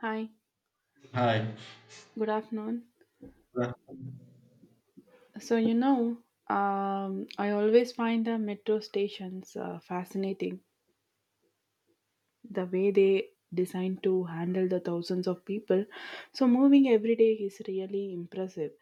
Hi, Hi. good afternoon. Yeah, So, you know, I always find the metro stations fascinating the way they designed to handle the thousands of people. So moving every day is really impressive.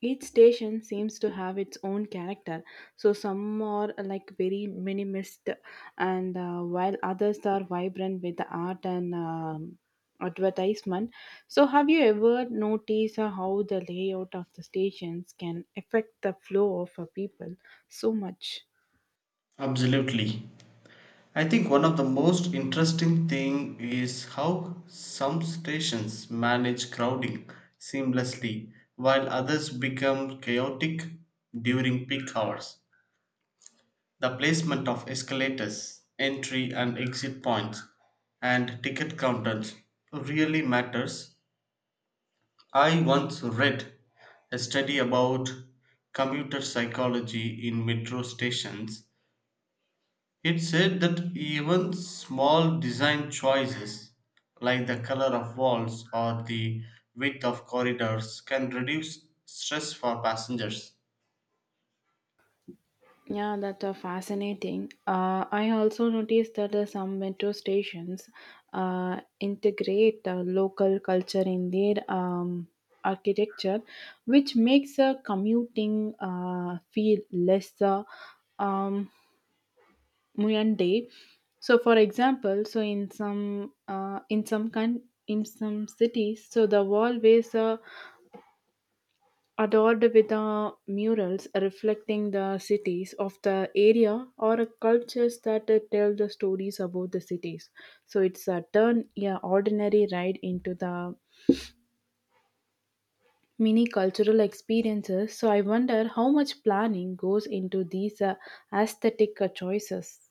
Each station seems to have its own character, so some are like very minimalist, and while others are vibrant with the art and advertisement. So, have you ever noticed how the layout of the stations can affect the flow of people so much? absolutely. I think one of the most interesting thing is how some stations manage crowding seamlessly while others become chaotic during peak hours. The placement of escalators, entry and exit points, and ticket counters really matters. I once read a study about commuter psychology in metro stations. It said that even small design choices, like the color of walls or the width of corridors, can reduce stress for passengers. Yeah, that's are fascinating. I also noticed that some metro stations integrate local culture in their architecture, which makes commuting feel less um, mundane. So, for example, in some cities, so the wall ways. Adorned with murals reflecting the cities of the area or cultures that tell the stories about the cities. So it's a turn yeah, ordinary ride into the mini cultural experiences. So I wonder how much planning goes into these aesthetic choices.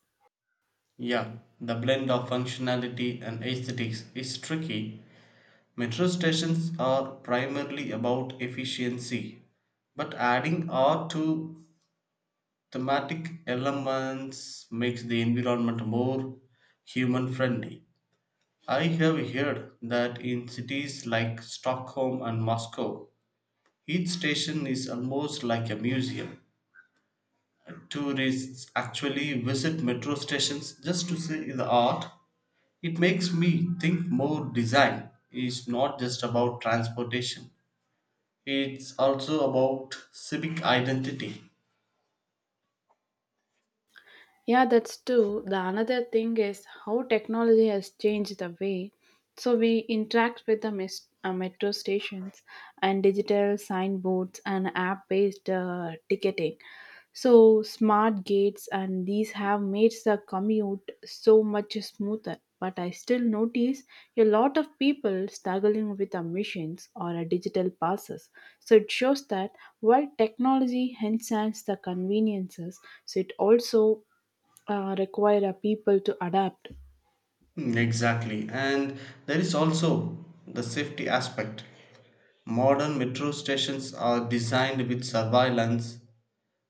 Yeah, the blend of functionality and aesthetics is tricky. Metro stations are primarily about efficiency, but adding art to thematic elements makes the environment more human friendly. I have heard that in cities like Stockholm and Moscow, each station is almost like a museum. Tourists actually visit metro stations just to see the art. It makes me think more design is not just about transportation, it's also about civic identity. Yeah, that's true. The another thing is how technology has changed the way so we interact with the metro stations and digital signboards and app-based ticketing. So smart gates and these have made the commute so much smoother. But I still notice a lot of people struggling with the machines or digital passes. So it shows that while technology enhances the conveniences, so it also require a people to adapt. Exactly, and there is also the safety aspect. Modern metro stations are designed with surveillance,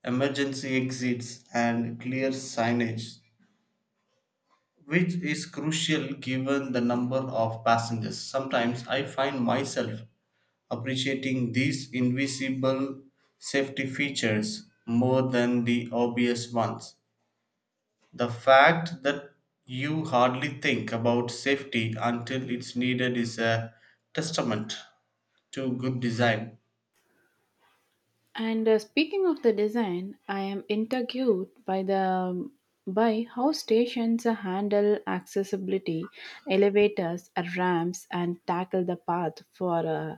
emergency exits, and clear signage, which is crucial given the number of passengers. Sometimes I find myself appreciating these invisible safety features more than the obvious ones. The fact that you hardly think about safety until it's needed is a testament to good design. And speaking of the design, I am intrigued by the by how stations handle accessibility, elevators, ramps, and tackle the path for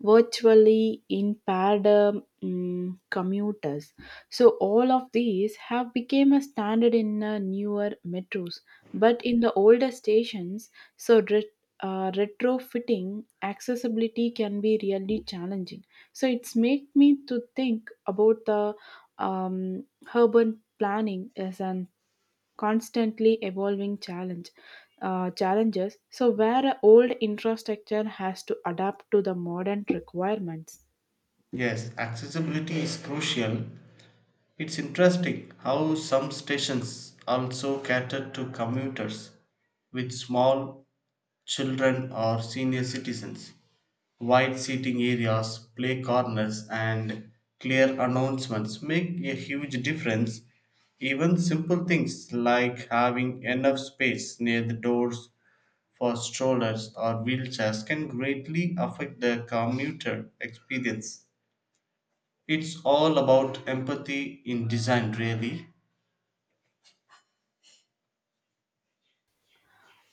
virtually impaired commuters. So all of these have become a standard in newer metros, but in the older stations, so retrofitting accessibility can be really challenging. So it's made me to think about the um, urban planning as an constantly evolving challenge. Challenges so where a old infrastructure has to adapt to the modern requirements. Yes, accessibility is crucial. It's interesting how some stations also cater to commuters with small children or senior citizens. Wide seating areas, play corners, and clear announcements make a huge difference. Even simple things like having enough space near the doors for strollers or wheelchairs can greatly affect the commuter experience. It's all about empathy in design, really.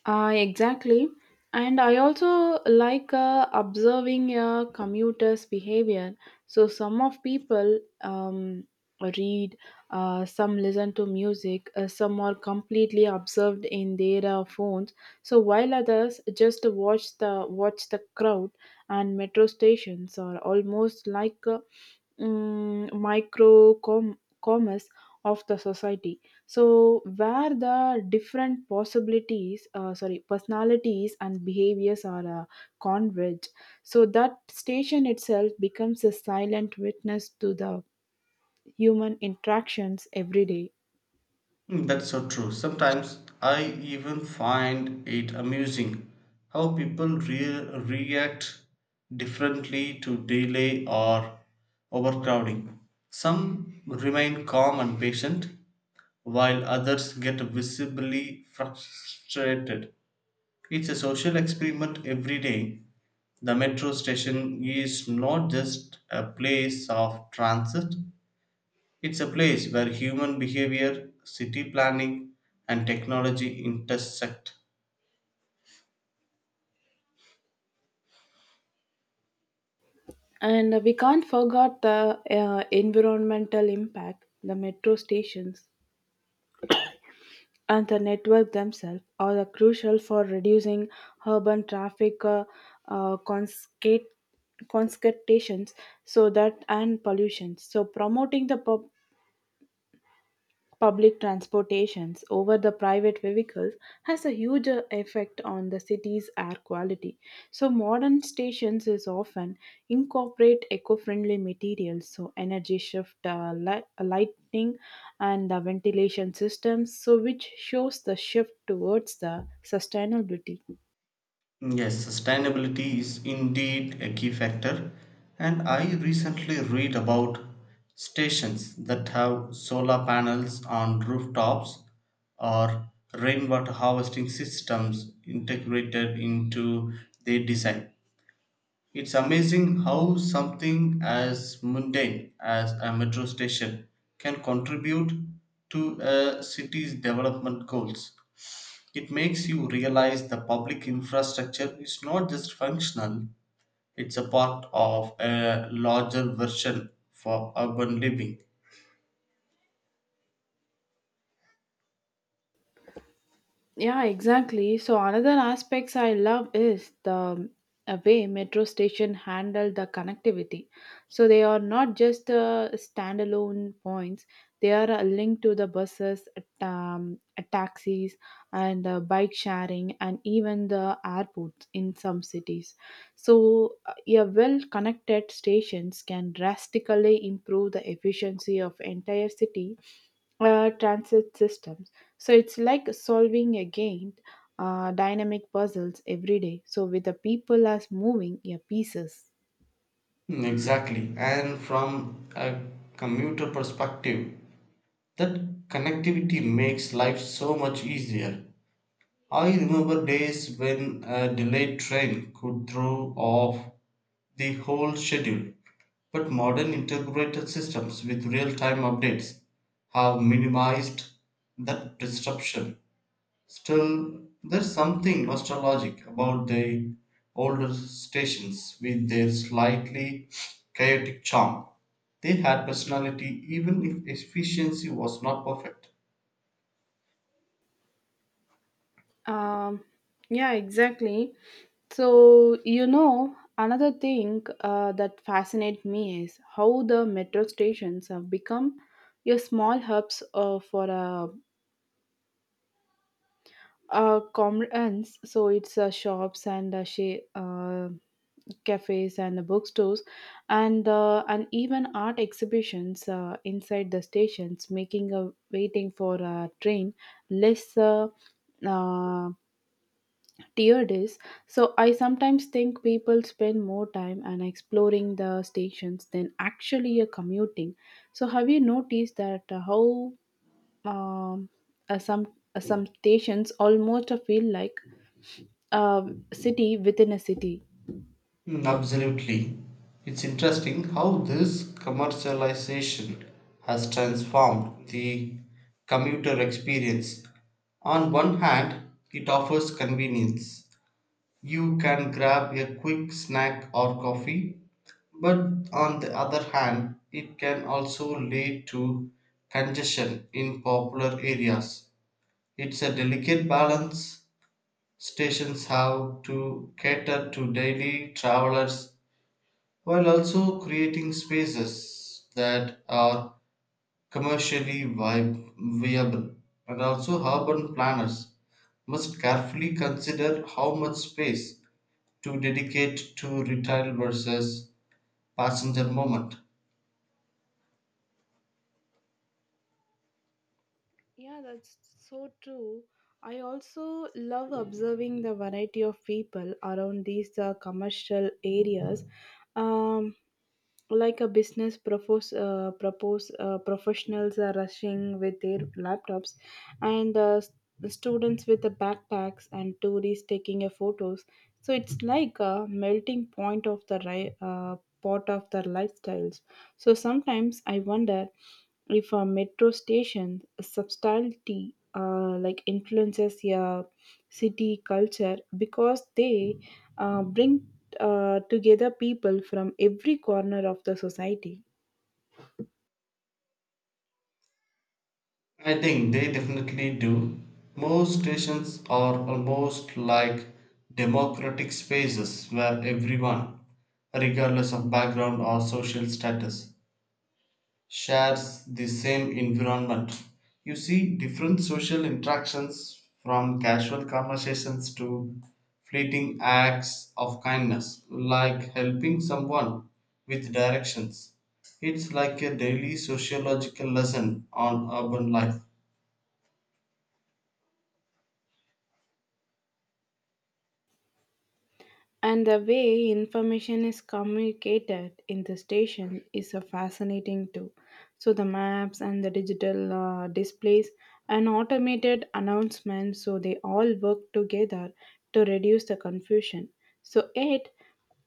Exactly. And I also like observing a commuter's behavior. So some of people read, some listen to music, some are completely absorbed in their phones. So while others just watch the crowd, and metro stations are almost like micro commerce of the society. So, where the different personalities and behaviors are converge, so that station itself becomes a silent witness to the human interactions every day. That's so true. Sometimes I even find it amusing how people react differently to delay or overcrowding. Some remain calm and patient, while others get visibly frustrated. It's a social experiment every day. The metro station is not just a place of transit, it's a place where human behavior, city planning, and technology intersect. And we can't forget the environmental impact the metro stations and the network themselves are the crucial for reducing urban traffic uh, conscate- congestions so that and pollution so promoting the public transportations over the private vehicles has a huge effect on the city's air quality. So modern stations is often incorporate eco-friendly materials, so energy shift, lighting, and the ventilation systems. So which shows the shift towards the sustainability. Yes, sustainability is indeed a key factor, and I recently read about stations that have solar panels on rooftops or rainwater harvesting systems integrated into their design. It's amazing how something as mundane as a metro station can contribute to a city's development goals. It makes you realize the public infrastructure is not just functional, it's a part of a larger version for urban living. Yeah, exactly. So another aspects I love is the way metro station handle the connectivity. So they are not just standalone points; they are a link to the buses, taxis, and bike sharing, and even the airports in some cities. So, a well connected stations can drastically improve the efficiency of entire city transit systems. So it's like solving again dynamic puzzles every day. So with the people as moving your pieces. Exactly. And from a commuter perspective, that connectivity makes life so much easier. I remember days when a delayed train could throw off the whole schedule, but modern integrated systems with real time updates have minimized that disruption. Still, there's something nostalgic about the older stations with their slightly chaotic charm. They had personality even if efficiency was not perfect. Um, yeah, exactly. So another thing that fascinates me is how the metro stations have become your small hubs for a comrades, so it's shops and cafes and bookstores, and even art exhibitions inside the stations, making a waiting for a train less uh, tiered is. So I sometimes think people spend more time and exploring the stations than actually commuting. So have you noticed that how um, uh, some some stations almost feel like city within a city. Absolutely. It's interesting how this commercialization has transformed the commuter experience. On one hand, it offers convenience. You can grab a quick snack or coffee, but on the other hand, it can also lead to congestion in popular areas. It's a delicate balance. Stations have to cater to daily travelers while also creating spaces that are commercially viable. And also, urban planners must carefully consider how much space to dedicate to retail versus passenger movement. Yeah, that's so true. I also love observing the variety of people around these commercial areas. Um, like a business propose, propose professionals are rushing with their laptops and the students with the backpacks and tourists taking a photos so it's like a melting point of the pot of their lifestyles so sometimes I wonder if a metro station subtlety like influences a city culture because they bring together people from every corner of the society. I think they definitely do. Most stations are almost like democratic spaces where everyone, regardless of background or social status, shares the same environment. You see different social interactions from casual conversations to fleeting acts of kindness, like helping someone with directions. It's like a daily sociological lesson on urban life. And the way information is communicated in the station is fascinating too. So the maps and the digital displays and automated announcements, so they all work together to reduce the confusion. So, it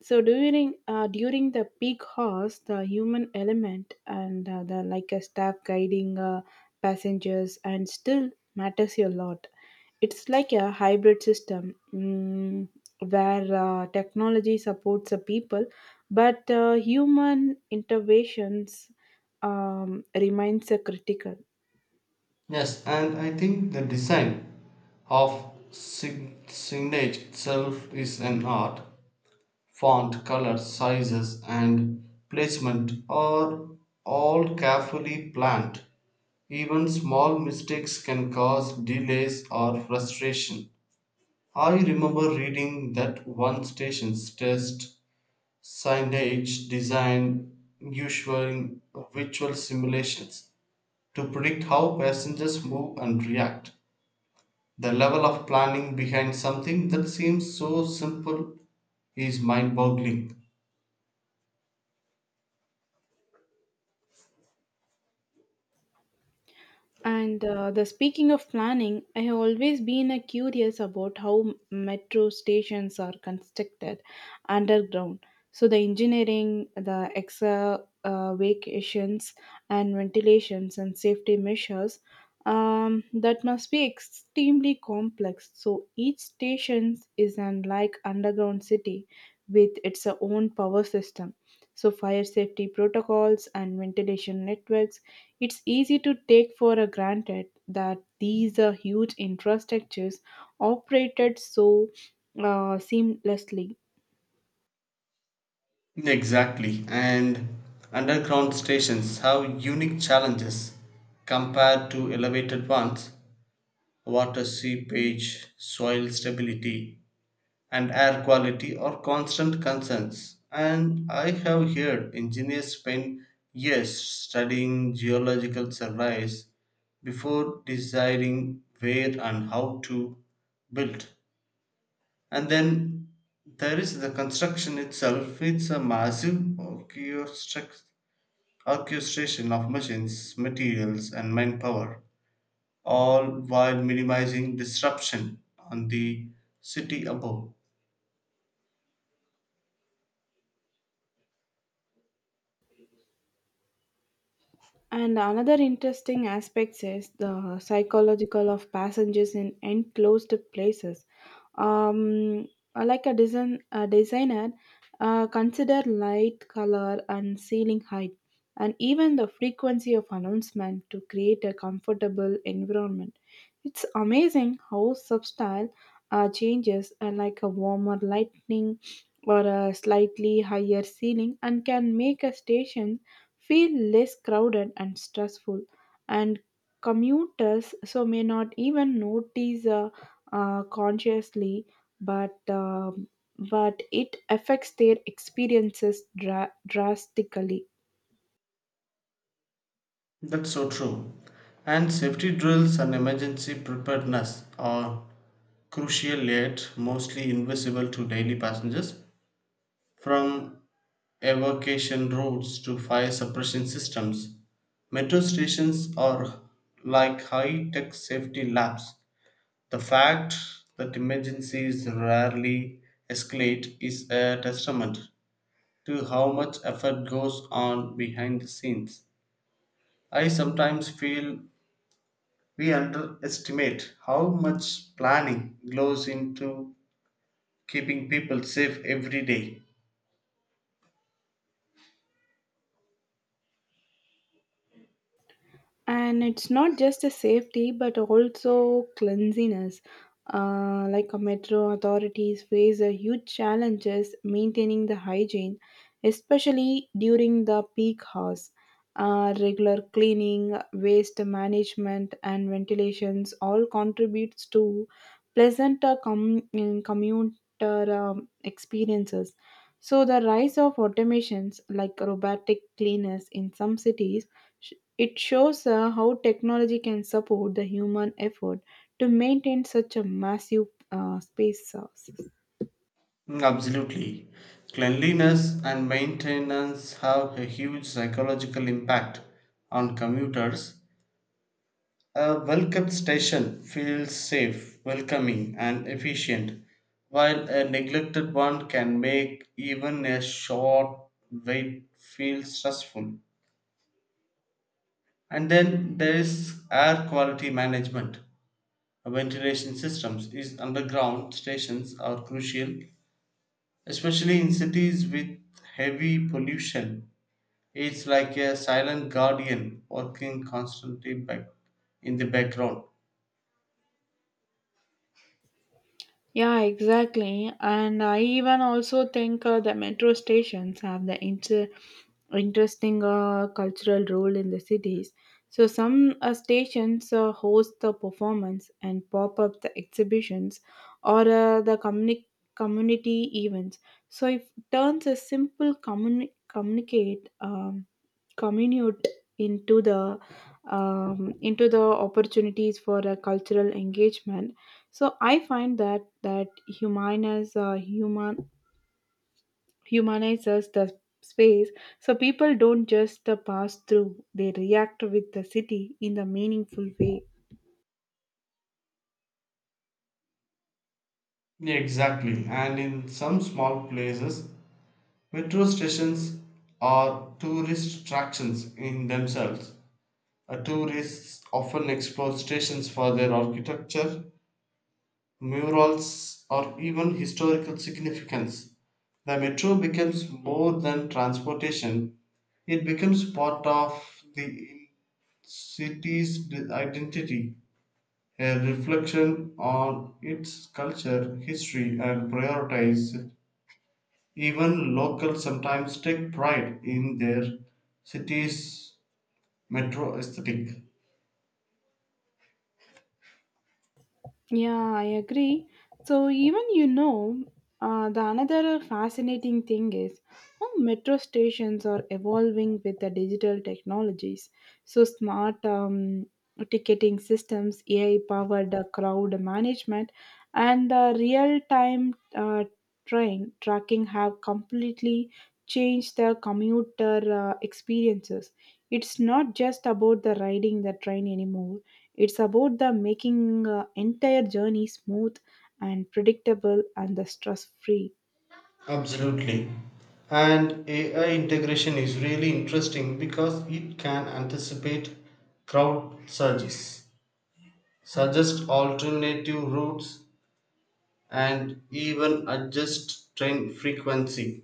So during the peak hours, the human element and the like a staff guiding passengers and still matters a lot. It's like a hybrid system where technology supports the people, but human interventions remains critical. Yes, and I think the design of signage itself is an art. Font, color, sizes, and placement are all carefully planned. Even small mistakes can cause delays or frustration. I remember reading that one station's test signage design using virtual simulations to predict how passengers move and react. The level of planning behind something that seems so simple is mind boggling. And the speaking of planning, I have always been curious about how metro stations are constructed underground. So the engineering, the excavations, and ventilations and safety measures that must be extremely complex. So each station is an like underground city with its own power system. So fire safety protocols and ventilation networks, it's easy to take for granted that these huge infrastructures operated so seamlessly. Exactly, and underground stations have unique challenges compared to elevated ones. Water seepage, soil stability, and air quality are constant concerns. And I have heard engineers spend years studying geological surveys before deciding where and how to build. And then there is the construction itself. It's a massive orchestration of machines, materials, and manpower, all while minimizing disruption on the city above. And another interesting aspect is the psychological of passengers in enclosed places. um, like a designer consider light color and ceiling height and even the frequency of announcement to create a comfortable environment. It's amazing how substyle changes, like a warmer lighting or a slightly higher ceiling and can make a station feel less crowded and stressful, and commuters so may not even notice consciously, but but it affects their experiences drastically. That's so true. And safety drills and emergency preparedness are crucial yet mostly invisible to daily passengers. From evacuation routes to fire suppression systems. Metro stations are like high tech safety labs. The fact that emergencies rarely escalate is a testament to how much effort goes on behind the scenes. I sometimes feel we underestimate how much planning goes into keeping people safe every day. And it's not just a safety but also cleanliness, like a metro authorities face a huge challenges maintaining the hygiene especially during the peak hours. Regular cleaning waste management and ventilations all contributes to pleasant commuter experiences. So the rise of automations like robotic cleaners in some cities, it shows how technology can support the human effort to maintain such a massive space source. Absolutely. Cleanliness and maintenance have a huge psychological impact on commuters. A well kept station feels safe, welcoming, and efficient, while a neglected one can make even a short wait feel stressful. And then there is air quality management. Ventilation systems is underground stations are crucial, especially in cities with heavy pollution. It's like a silent guardian working constantly back in the background. Yeah, exactly. And I even also think the metro stations have the interesting cultural role in the cities. So some stations host the performance and pop up the exhibitions or the community events. So it turns a simple communi- communicate commute into the into the opportunities for a cultural engagement. So I find that that humanizes the space. So people don't just pass through; they react with the city in the meaningful way. Yeah, exactly. And in some small places, metro stations are tourist attractions in themselves. Tourists often explore stations for their architecture, murals, or even historical significance. The metro becomes more than transportation, it becomes part of the city's identity. A reflection on its culture, history, and priorities. Even locals sometimes take pride in their city's metro aesthetic. Yeah, I agree. So even you know, the another fascinating thing is how metro stations are evolving with the digital technologies. So smart ticketing systems, AI-powered crowd management, and the real-time train tracking have completely changed the commuter experiences. It's not just about the riding the train anymore, it's about the making entire journey smooth and predictable and the stress free. Absolutely. And AI integration is really interesting because it can anticipate crowd surges, suggest alternative routes, and even adjust train frequency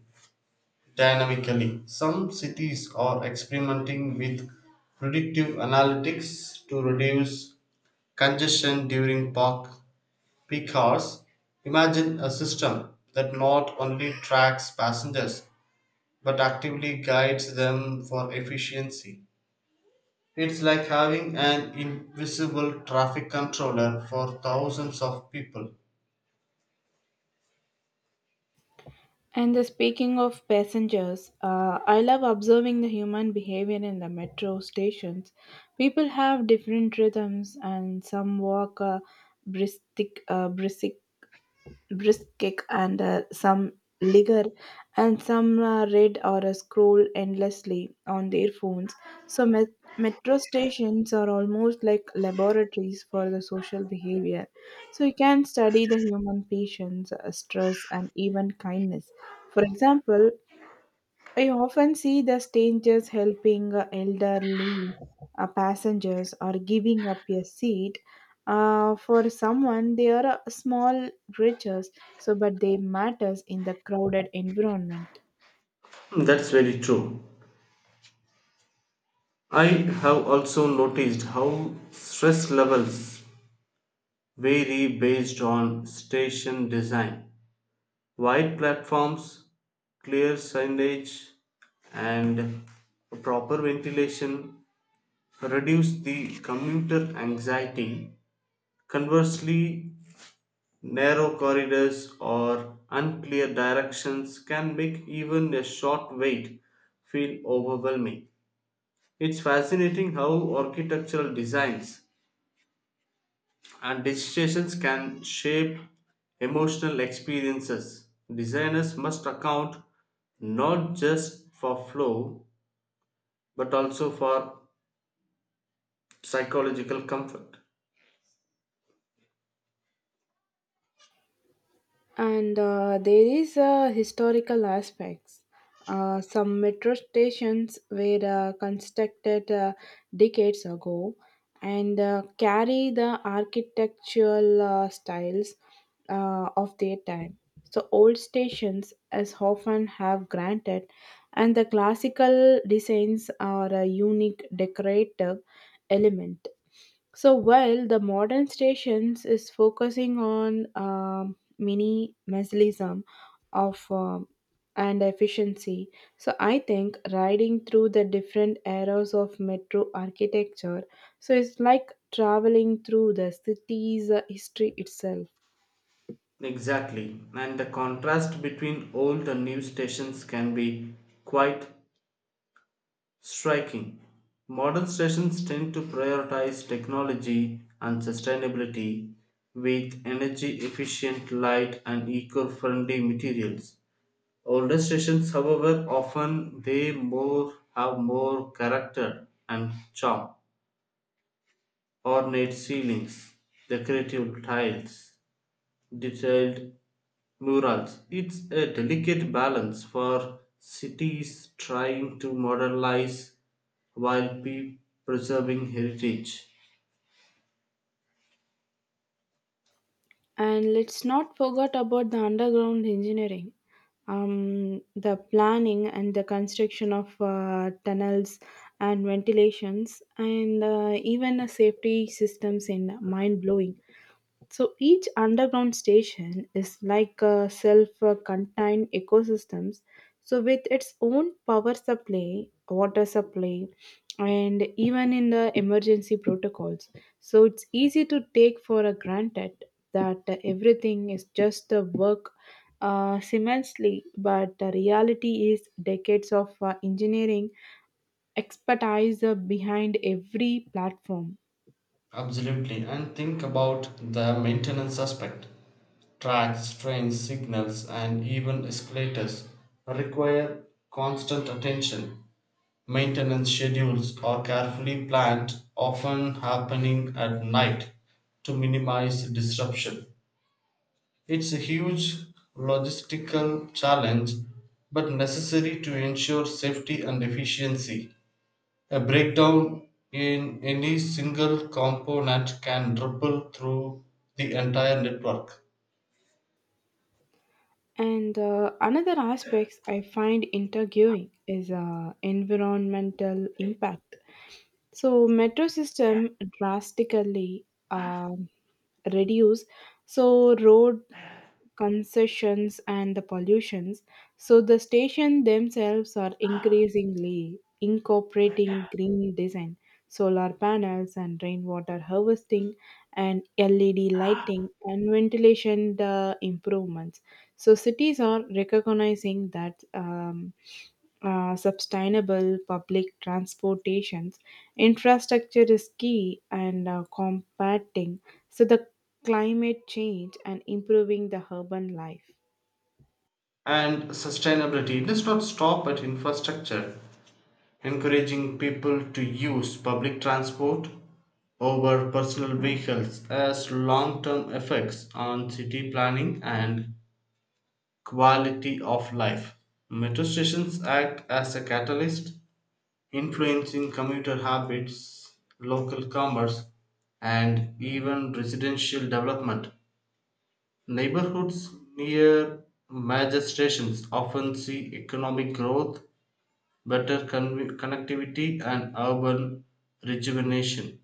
dynamically. Some cities are experimenting with predictive analytics to reduce congestion during park peak hours. Imagine a system that not only tracks passengers but actively guides them for efficiency. It's like having an invisible traffic controller for thousands of people. And the speaking of passengers, I love observing the human behavior in the metro stations. People have different rhythms, and some walk brisk, uh, brisk brisk kick and some linger and some read or scroll endlessly on their phones. So metro stations are almost like laboratories for the social behavior, so you can study the human patience, stress and even kindness. For example, I often see the strangers helping elderly passengers or giving up a seat for someone. They are small riches, so but they matters in the crowded environment. That's very true. I have also noticed how stress levels vary based on station design. Wide platforms, clear signage, and proper ventilation reduce the commuter anxiety. Conversely, narrow corridors or unclear directions can make even a short wait feel overwhelming. It's fascinating how architectural designs and decisions can shape emotional experiences. Designers must account not just for flow but also for psychological comfort. And there is a historical aspects. Some metro stations were constructed decades ago and carry the architectural styles of their time. So old stations as often have granted, and the classical designs are a unique decorative element. So while the modern stations is focusing on minimalism of and efficiency, so I think riding through the different eras of metro architecture, so it's like traveling through the city's history itself. Exactly, and the contrast between old and new stations can be quite striking. Modern stations tend to prioritize technology and sustainability with energy efficient light and eco friendly materials. Older stations, however, often they more have more character and charm. Ornate ceilings, decorative tiles, detailed murals. It's a delicate balance for cities trying to modernize while preserving heritage. And let's not forget about the underground engineering, the planning and the construction of tunnels and ventilations, and even a safety systems in mind blowing. So each underground station is like a self-contained ecosystems. So with its own power supply, water supply, and even in the emergency protocols. So it's easy to take for a granted that everything is just a work seamlessly, but the reality is decades of engineering expertise behind every platform. Absolutely. And think about the maintenance aspect. Tracks, trains, signals, and even escalators require constant attention. Maintenance schedules are carefully planned, often happening at night to minimize disruption. It's a huge logistical challenge, but necessary to ensure safety and efficiency. A breakdown in any single component can ripple through the entire network. And another aspects I find intriguing is environmental impact. So metro system drastically um reduce so road concessions and the pollutions. So the station themselves are increasingly incorporating green design, solar panels and rainwater harvesting and LED lighting and ventilation the improvements. So cities are recognizing that sustainable public transportations infrastructure is key and combating so the climate change and improving the urban life. And sustainability does not stop at infrastructure. Encouraging people to use public transport over personal vehicles has long term effects on city planning and quality of life. Metro stations act as a catalyst influencing commuter habits, local commerce, and even residential development. Neighborhoods near major stations often see economic growth, better connectivity, and urban rejuvenation.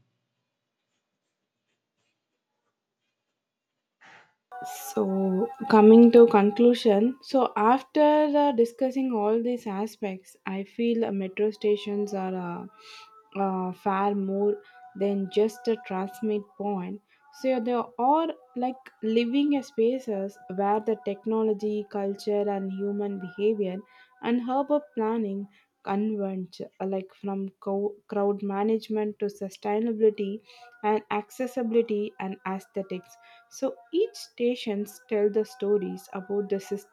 So coming to conclusion, so after discussing all these aspects, I feel metro stations are far more than just a transmit point. So yeah, they are like living spaces where the technology, culture, and human behavior and urban planning converge, like from crowd management to sustainability and accessibility and aesthetics. So each stations tell the stories about the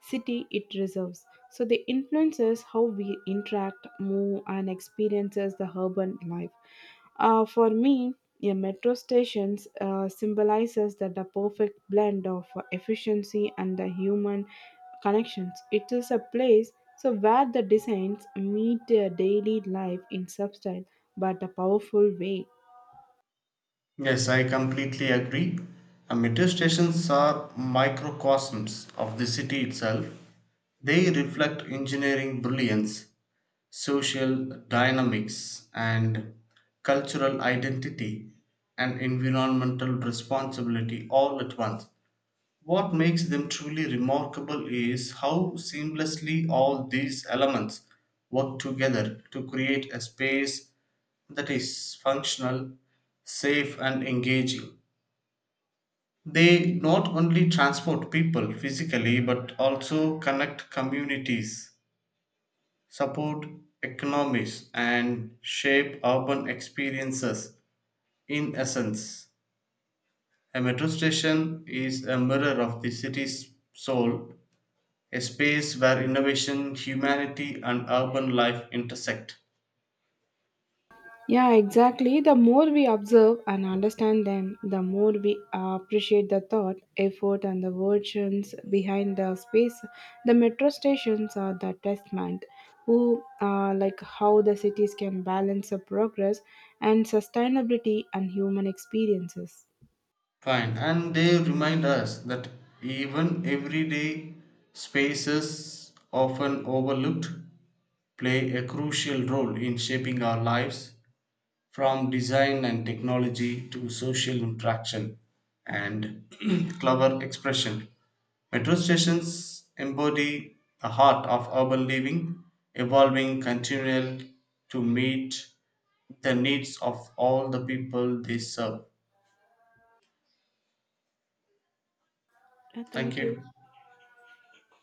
city it reserves. So they influences how we interact, move, and experiences the urban life. For me, a metro stations symbolizes that the perfect blend of efficiency and the human connections. It is a place so where the designs meet their daily life in subtle but a powerful way. Yes, I completely agree. Metro stations are microcosms of the city itself. They reflect engineering brilliance, social dynamics, and cultural identity, and environmental responsibility all at once. What makes them truly remarkable is how seamlessly all these elements work together to create a space that is functional, safe, and engaging. They not only transport people physically but also connect communities, support economies, and shape urban experiences. In essence, a metro station is a mirror of the city's soul, a space where innovation, humanity, and urban life intersect. Yeah, exactly. The more we observe and understand them, the more we appreciate the thought, effort, and the versions behind the space. The metro stations are the testament, who like how the cities can balance the progress and sustainability and human experiences. Fine, and they remind us that even everyday spaces often overlooked play a crucial role in shaping our lives. From design and technology to social interaction and clever expression, metro stations embody the heart of urban living, evolving continually to meet the needs of all the people they serve. Thank Thank you. you.